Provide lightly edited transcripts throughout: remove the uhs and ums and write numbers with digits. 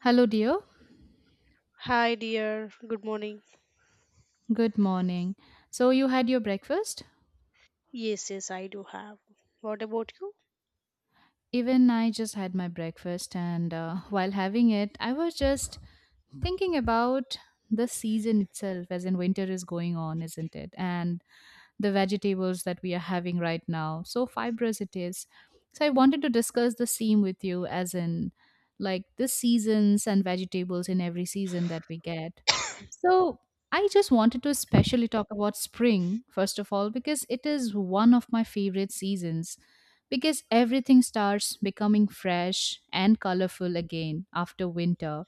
Hello, dear. Hi, dear. Good morning. Good morning. So, you had your breakfast? Yes, yes, I do have. What about you? Even I just had my breakfast, and while having it, I was just thinking about the season itself, as in winter is going on, isn't it? And the vegetables that we are having right now. So fibrous it is. So I wanted to discuss the same with you, as in like the seasons and vegetables in every season that we get. So I just wanted to especially talk about spring, first of all, because it is one of my favorite seasons because everything starts becoming fresh and colorful again after winter.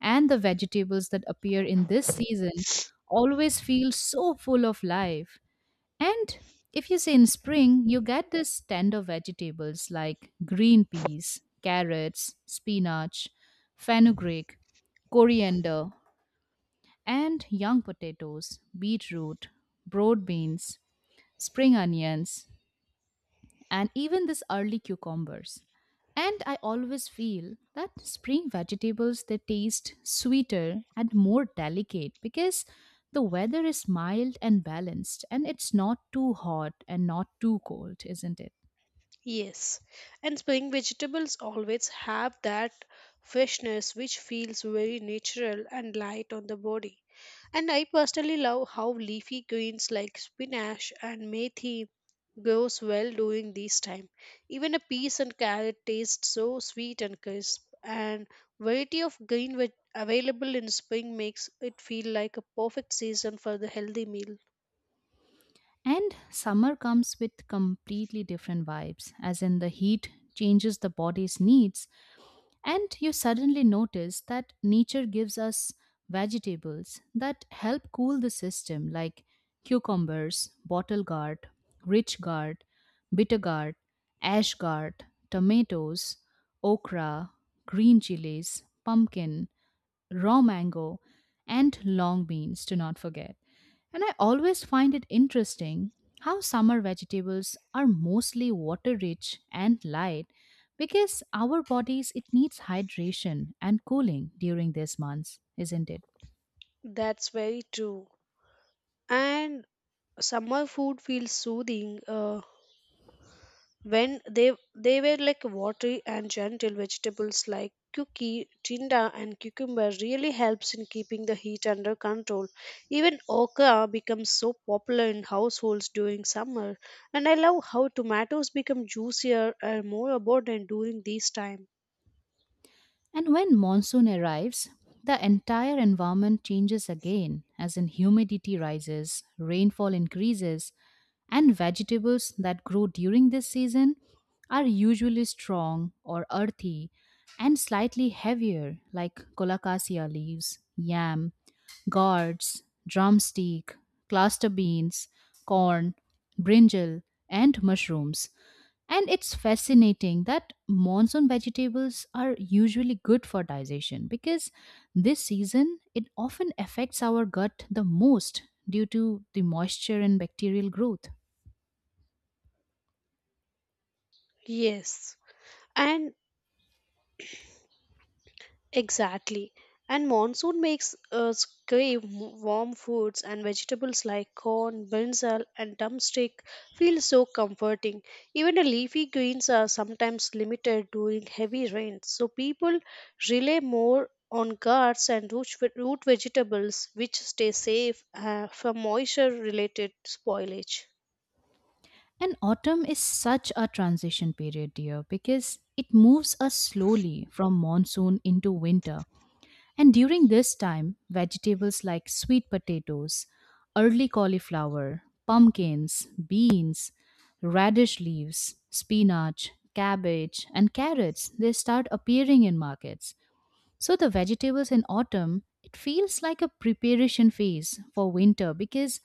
And the vegetables that appear in this season always feel so full of life. And if you say in spring, you get these tender vegetables like green peas, carrots, spinach, fenugreek, coriander, and young potatoes, beetroot, broad beans, spring onions, and even this early cucumbers. And I always feel that spring vegetables they taste sweeter and more delicate because the weather is mild and balanced and it's not too hot and not too cold, isn't it? Yes. And spring vegetables always have that freshness which feels very natural and light on the body. And I personally love how leafy greens like spinach and methi grows well during this time. Even a peas and carrot taste so sweet and crisp. And variety of green veg available in spring makes it feel like a perfect season for the healthy meal. And summer comes with completely different vibes, as in the heat changes the body's needs. And you suddenly notice that nature gives us vegetables that help cool the system, like cucumbers, bottle gourd, rich gourd, bitter gourd, ash gourd, tomatoes, okra, green chilies, pumpkin, raw mango, and long beans to not forget. And I always find it interesting how summer vegetables are mostly water rich and light because our bodies it needs hydration and cooling during these months, isn't it? That's very true. And summer food feels soothing when they were like watery and gentle vegetables like cookie, tinda, and cucumber really helps in keeping the heat under control. Even okra becomes so popular in households during summer, and I love how tomatoes become juicier and more abundant during this time. And when monsoon arrives, the entire environment changes again as in humidity rises, rainfall increases, and vegetables that grow during this season are usually strong or earthy and slightly heavier, like colocasia leaves, yam, gourds, drumstick, cluster beans, corn, brinjal, and mushrooms. And it's fascinating that monsoon vegetables are usually good for digestion because this season it often affects our gut the most due to the moisture and bacterial growth. Yes. And exactly. And monsoon makes us crave warm foods and vegetables like corn, brinjal, and drumstick feel so comforting. Even the leafy greens are sometimes limited during heavy rains, so people rely more on guards and root, root vegetables which stay safe from moisture related spoilage. And autumn is such a transition period, dear, because it moves us slowly from monsoon into winter. And during this time, vegetables like sweet potatoes, early cauliflower, pumpkins, beans, radish leaves, spinach, cabbage, and carrots, they start appearing in markets. So the vegetables in autumn, it feels like a preparation phase for winter because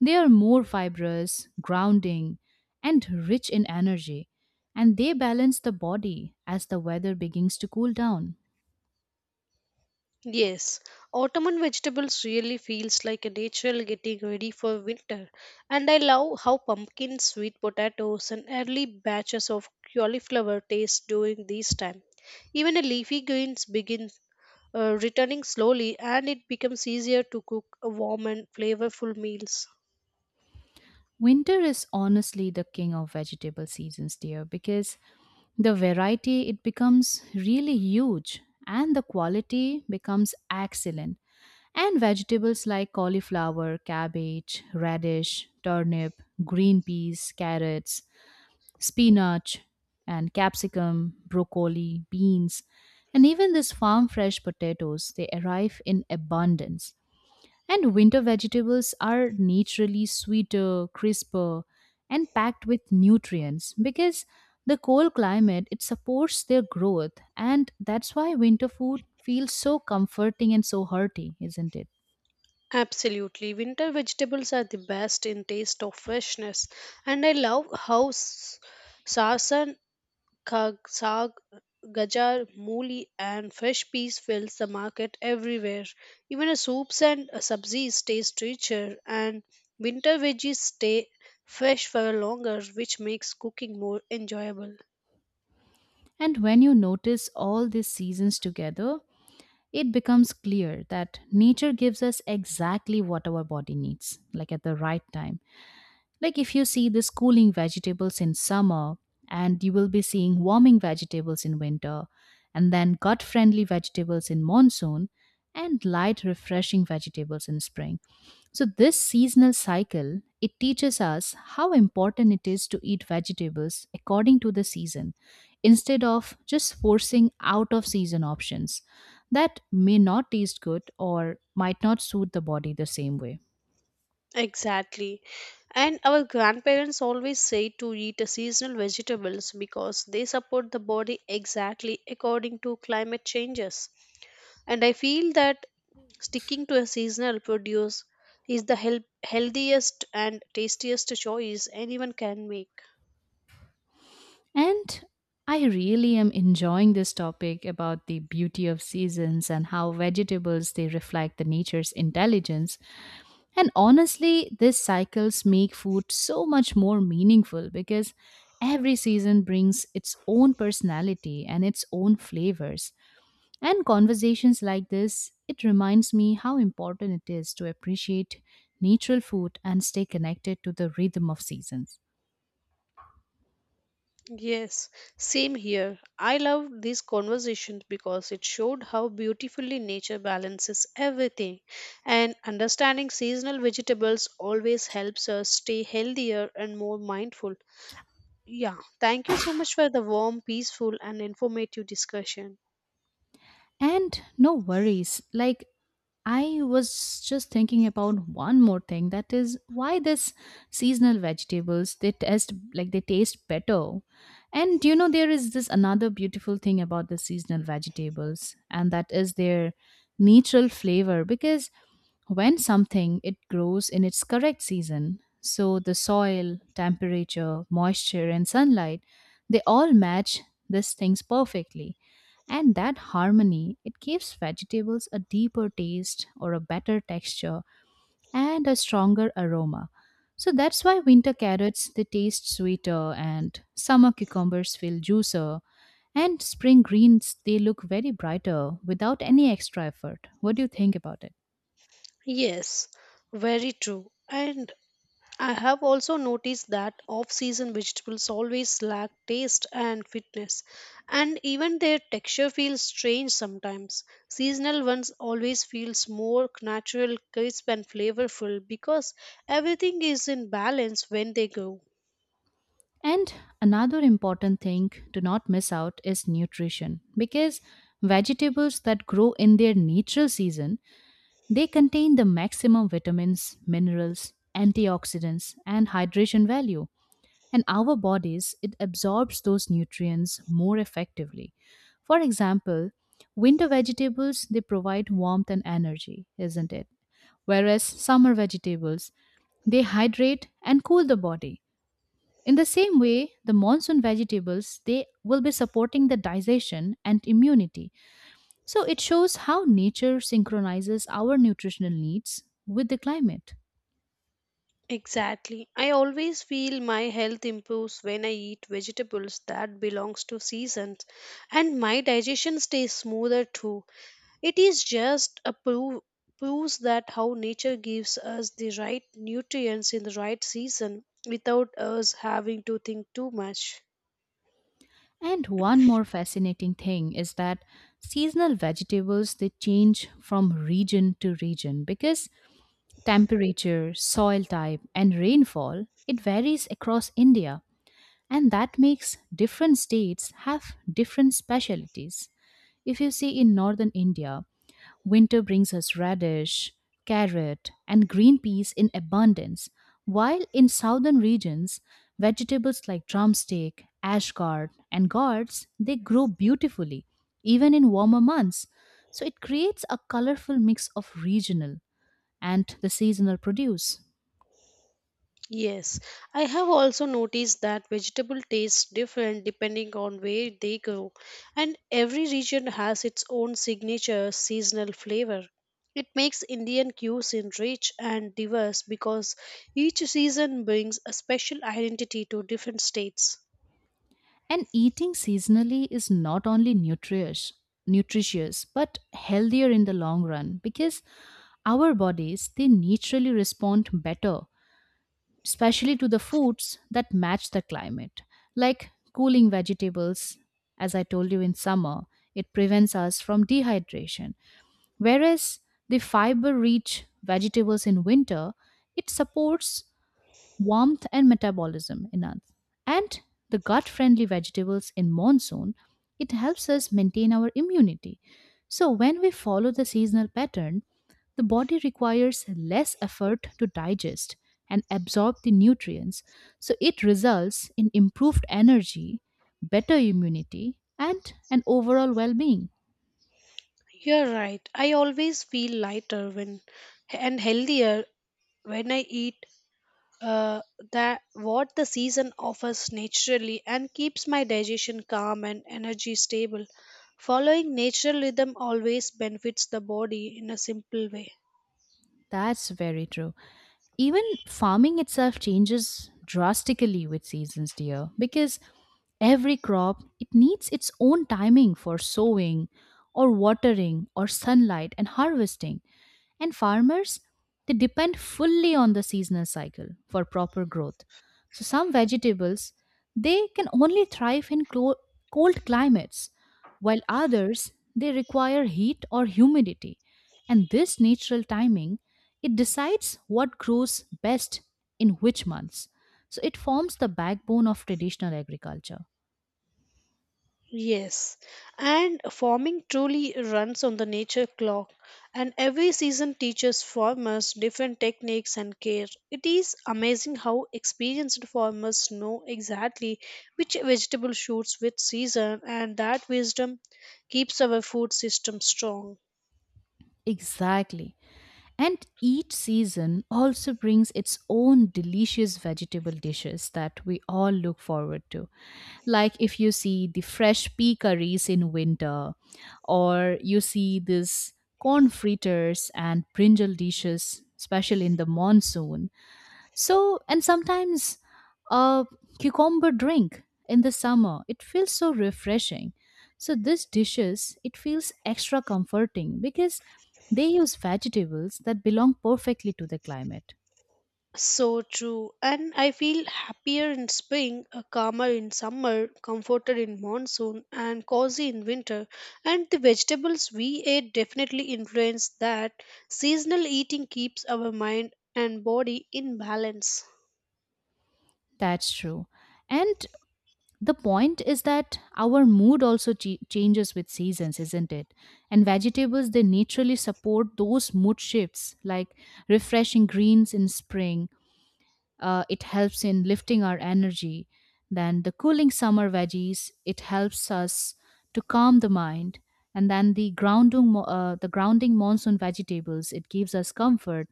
they are more fibrous, grounding, and rich in energy, and they balance the body as the weather begins to cool down. Yes, autumn vegetables really feels like a natural getting ready for winter. And I love how pumpkins, sweet potatoes, and early batches of cauliflower taste during this time. Even a leafy greens begin returning slowly, and it becomes easier to cook a warm and flavorful meals. Winter is honestly the king of vegetable seasons, dear, because the variety it becomes really huge and the quality becomes excellent. And vegetables like cauliflower, cabbage, radish, turnip, green peas, carrots, spinach and capsicum, broccoli, beans, and even these farm fresh potatoes, they arrive in abundance. And winter vegetables are naturally sweeter, crisper, and packed with nutrients because the cold climate it supports their growth and that's why winter food feels so comforting and so hearty, isn't it? Absolutely, winter vegetables are the best in taste of freshness, and I love how sarsen Kag, saag, gajar, mooli, and fresh peas fills the market everywhere. Even a soups and a subsies taste richer, and winter veggies stay fresh for longer, which makes cooking more enjoyable. And when you notice all these seasons together, it becomes clear that nature gives us exactly what our body needs, like at the right time, like if you see this cooling vegetables in summer, and you will be seeing warming vegetables in winter, and then gut friendly vegetables in monsoon, and light, refreshing vegetables in spring. So this seasonal cycle it teaches us how important it is to eat vegetables according to the season instead of just forcing out of season options that may not taste good or might not suit the body the same way. Exactly. And our grandparents always say to eat a seasonal vegetables because they support the body exactly according to climate changes. And I feel that sticking to a seasonal produce is the healthiest and tastiest choice anyone can make. And I really am enjoying this topic about the beauty of seasons and how vegetables they reflect the nature's intelligence. And honestly, these cycles make food so much more meaningful because every season brings its own personality and its own flavors. And conversations like this, it reminds me how important it is to appreciate natural food and stay connected to the rhythm of seasons. Yes, same here. I loved these conversations because it showed how beautifully nature balances everything. And understanding seasonal vegetables always helps us stay healthier and more mindful. Yeah, thank you so much for the warm, peaceful, and informative discussion. And no worries, like I was just thinking about one more thing that is why this seasonal vegetables they taste like they taste better. And you know there is this another beautiful thing about the seasonal vegetables and that is their natural flavor because when something, it grows in its correct season. So the soil, temperature, moisture, and sunlight, they all match these things perfectly. And that harmony, it gives vegetables a deeper taste or a better texture and a stronger aroma. So that's why winter carrots, they taste sweeter and summer cucumbers feel juicier and spring greens, they look very brighter without any extra effort. What do you think about it? Yes, very true. And I have also noticed that off season vegetables always lack taste and fitness, and even their texture feels strange sometimes. Seasonal ones always feels more natural, crisp, and flavorful because everything is in balance when they grow. And another important thing to not miss out is nutrition because vegetables that grow in their natural season they contain the maximum vitamins, minerals, antioxidants and hydration value and our bodies it absorbs those nutrients more effectively. For example, winter vegetables they provide warmth and energy, isn't it? Whereas summer vegetables they hydrate and cool the body, in the same way, the monsoon vegetables they will be supporting the digestion and immunity. So it shows how nature synchronizes our nutritional needs with the climate. Exactly. I always feel my health improves when I eat vegetables that belongs to seasons and my digestion stays smoother too. It is just a proof proves that how nature gives us the right nutrients in the right season without us having to think too much. And one more fascinating thing is that seasonal vegetables they change from region to region because temperature, soil type and rainfall it varies across India and that makes different states have different specialties. If you see in northern India, winter brings us radish, carrot, and green peas in abundance, while in southern regions, vegetables like drumstick, ash gourd, and gourds, they grow beautifully even in warmer months. So it creates a colorful mix of regional and the seasonal produce. Yes, I have also noticed that vegetable tastes different depending on where they grow, and every region has its own signature seasonal flavor. It makes Indian cuisine rich and diverse because each season brings a special identity to different states. And eating seasonally is not only nutritious but healthier in the long run because our bodies they naturally respond better especially to the foods that match the climate, like cooling vegetables. As I told you in summer, it prevents us from dehydration. Whereas the fiber rich vegetables in winter, it supports warmth and metabolism in us. And the gut friendly vegetables in monsoon, it helps us maintain our immunity. So, when we follow the seasonal pattern, the body requires less effort to digest and absorb the nutrients. So, it results in improved energy, better immunity, and an overall well being. You're right. I always feel lighter when and healthier when I eat uh, that what the season offers naturally and keeps my digestion calm and energy stable. Following natural rhythm always benefits the body in a simple way. That's very true. Even farming itself changes drastically with seasons, dear, because every crop, it needs its own timing for sowing or watering or sunlight and harvesting. And farmers, they depend fully on the seasonal cycle for proper growth. So some vegetables, they can only thrive in cold climates, while others, they require heat or humidity. And this natural timing, it decides what grows best in which months. So it forms the backbone of traditional agriculture. Yes, and farming truly runs on the nature clock, and every season teaches farmers different techniques and care. It is amazing how experienced farmers know exactly which vegetable shoots which season, and that wisdom keeps our food system strong. Exactly. And each season also brings its own delicious vegetable dishes that we all look forward to. Like if you see the fresh pea curries in winter, or you see this corn fritters and brinjal dishes, especially in the monsoon, so, and sometimes a cucumber drink in the summer, it feels so refreshing. So, these dishes, it feels extra comforting because they use vegetables that belong perfectly to the climate. So true. And I feel happier in spring, calmer in summer, comforted in monsoon, and cozy in winter. And the vegetables we ate definitely influence that. Seasonal eating keeps our mind and body in balance. That's true. And the point is that our mood also changes with seasons, isn't it? And vegetables, they naturally support those mood shifts, like refreshing greens in spring it helps in lifting our energy. Then the cooling summer veggies, it helps us to calm the mind. And then the the grounding monsoon vegetables, it gives us comfort.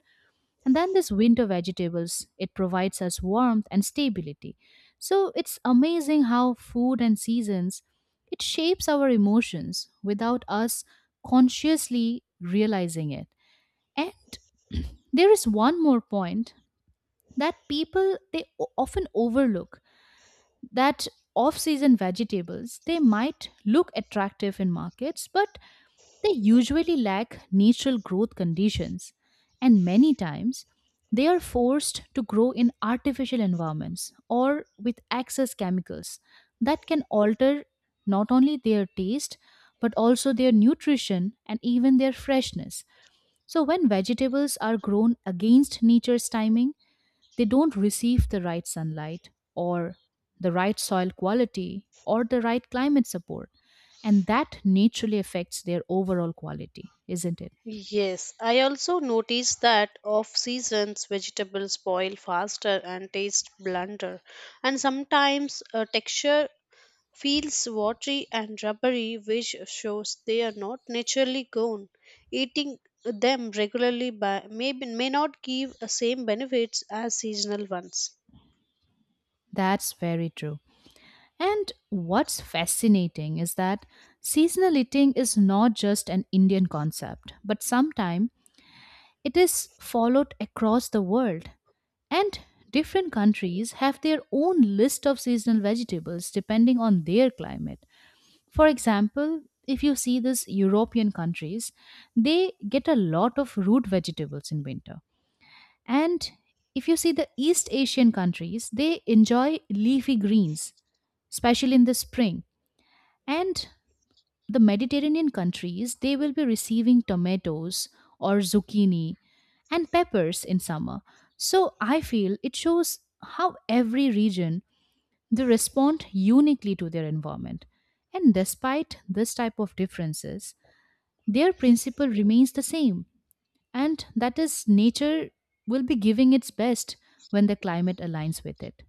And then this winter vegetables, it provides us warmth and stability. So it's amazing how food and seasons, it shapes our emotions without us consciously realizing it. And there is one more point that people they often overlook that off-season vegetables they might look attractive in markets but they usually lack natural growth conditions and many times they are forced to grow in artificial environments or with excess chemicals that can alter not only their taste but also their nutrition and even their freshness. So when vegetables are grown against nature's timing they don't receive the right sunlight or the right soil quality or the right climate support. And that naturally affects their overall quality, isn't it? Yes, I also noticed that off seasons vegetables spoil faster and taste blunter, and sometimes texture feels watery and rubbery, which shows they are not naturally grown. Eating them regularly by, may, may not give the same benefits as seasonal ones. That's very true. And what's fascinating is that seasonal eating is not just an Indian concept, but sometimes it is followed across the world. And different countries have their own list of seasonal vegetables depending on their climate. For example, if you see these European countries, they get a lot of root vegetables in winter. And if you see the East Asian countries, they enjoy leafy greens, especially in the spring. And the Mediterranean countries, they will be receiving tomatoes or zucchini and peppers in summer. So I feel it shows how every region they respond uniquely to their environment. And despite this type of differences, their principle remains the same, and that is nature will be giving its best when the climate aligns with it.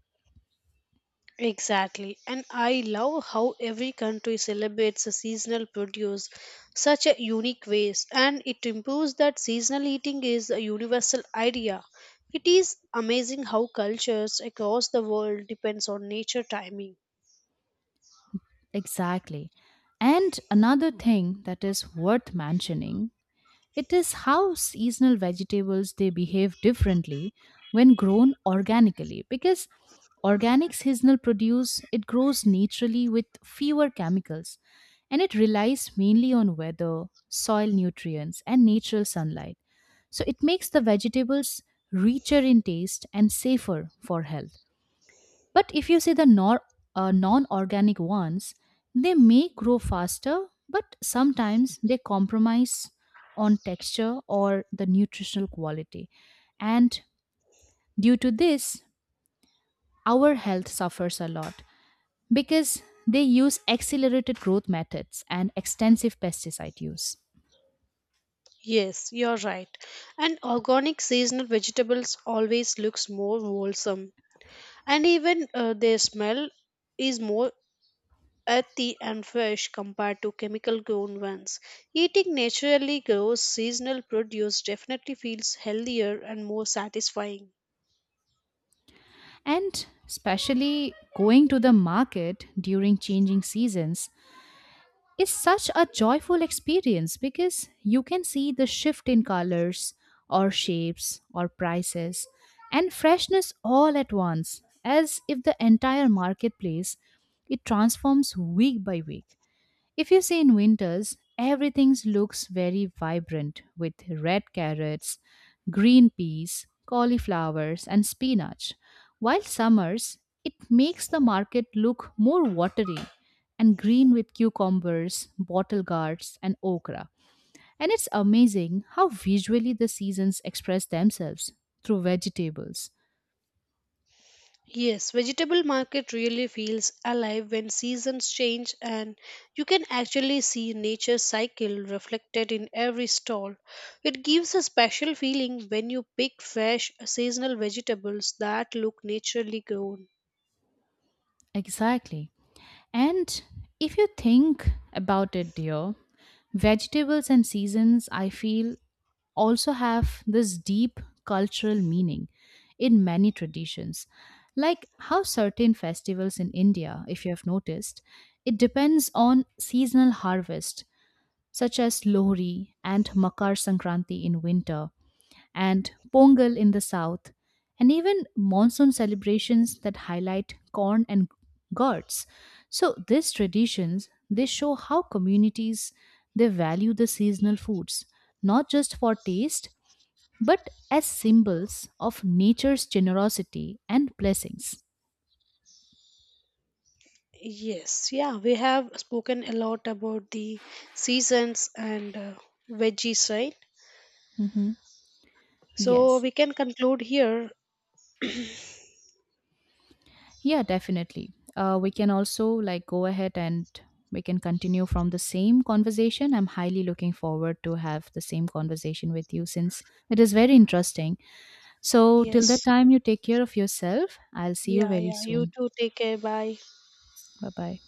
Exactly, and I love how every country celebrates the seasonal produce such a unique ways, and it improves that seasonal eating is a universal idea. It is amazing how cultures across the world depends on nature timing. Exactly. And another thing that is worth mentioning, it is how seasonal vegetables they behave differently when grown organically because organic seasonal produce it grows naturally with fewer chemicals and it relies mainly on weather, soil nutrients and natural sunlight. So it makes the vegetables richer in taste and safer for health. But if you see the non organic ones, they may grow faster, but sometimes they compromise on texture or the nutritional quality. And due to this, our health suffers a lot because they use accelerated growth methods and extensive pesticide use. Yes, you're right. And organic seasonal vegetables always looks more wholesome, and even their smell is more earthy and fresh compared to chemical grown ones. Eating naturally grown seasonal produce definitely feels healthier and more satisfying. And especially going to the market during changing seasons is such a joyful experience because you can see the shift in colors or shapes or prices and freshness all at once as if the entire marketplace it transforms week by week. If you see in winters, everything looks very vibrant with red carrots, green peas, cauliflowers, and spinach, while summers, it makes the market look more watery and green with cucumbers, bottle gourds, and okra. And it's amazing how visually the seasons express themselves through vegetables. Yes, vegetable market really feels alive when seasons change and you can actually see nature's cycle reflected in every stall. It gives a special feeling when you pick fresh seasonal vegetables that look naturally grown. Exactly. And if you think about it, dear, vegetables and seasons, I feel, also have this deep cultural meaning in many traditions. Like how certain festivals in India, if you have noticed, it depends on seasonal harvest, such as Lohri and Makar Sankranti in winter, and Pongal in the south, and even monsoon celebrations that highlight corn and gourds. So these traditions they show how communities they value the seasonal foods not just for taste but as symbols of nature's generosity and blessings. Yes, yeah, we have spoken a lot about the seasons and veggies, right? Hmm. So Yes. we can conclude here. Yeah, definitely. We can also like go ahead and we can continue from the same conversation. I'm highly looking forward to have the same conversation with you since it is very interesting. So till that Yes. time, you take care of yourself. I'll see you Yeah, very yeah. You soon. too. Take care. Bye. Bye bye.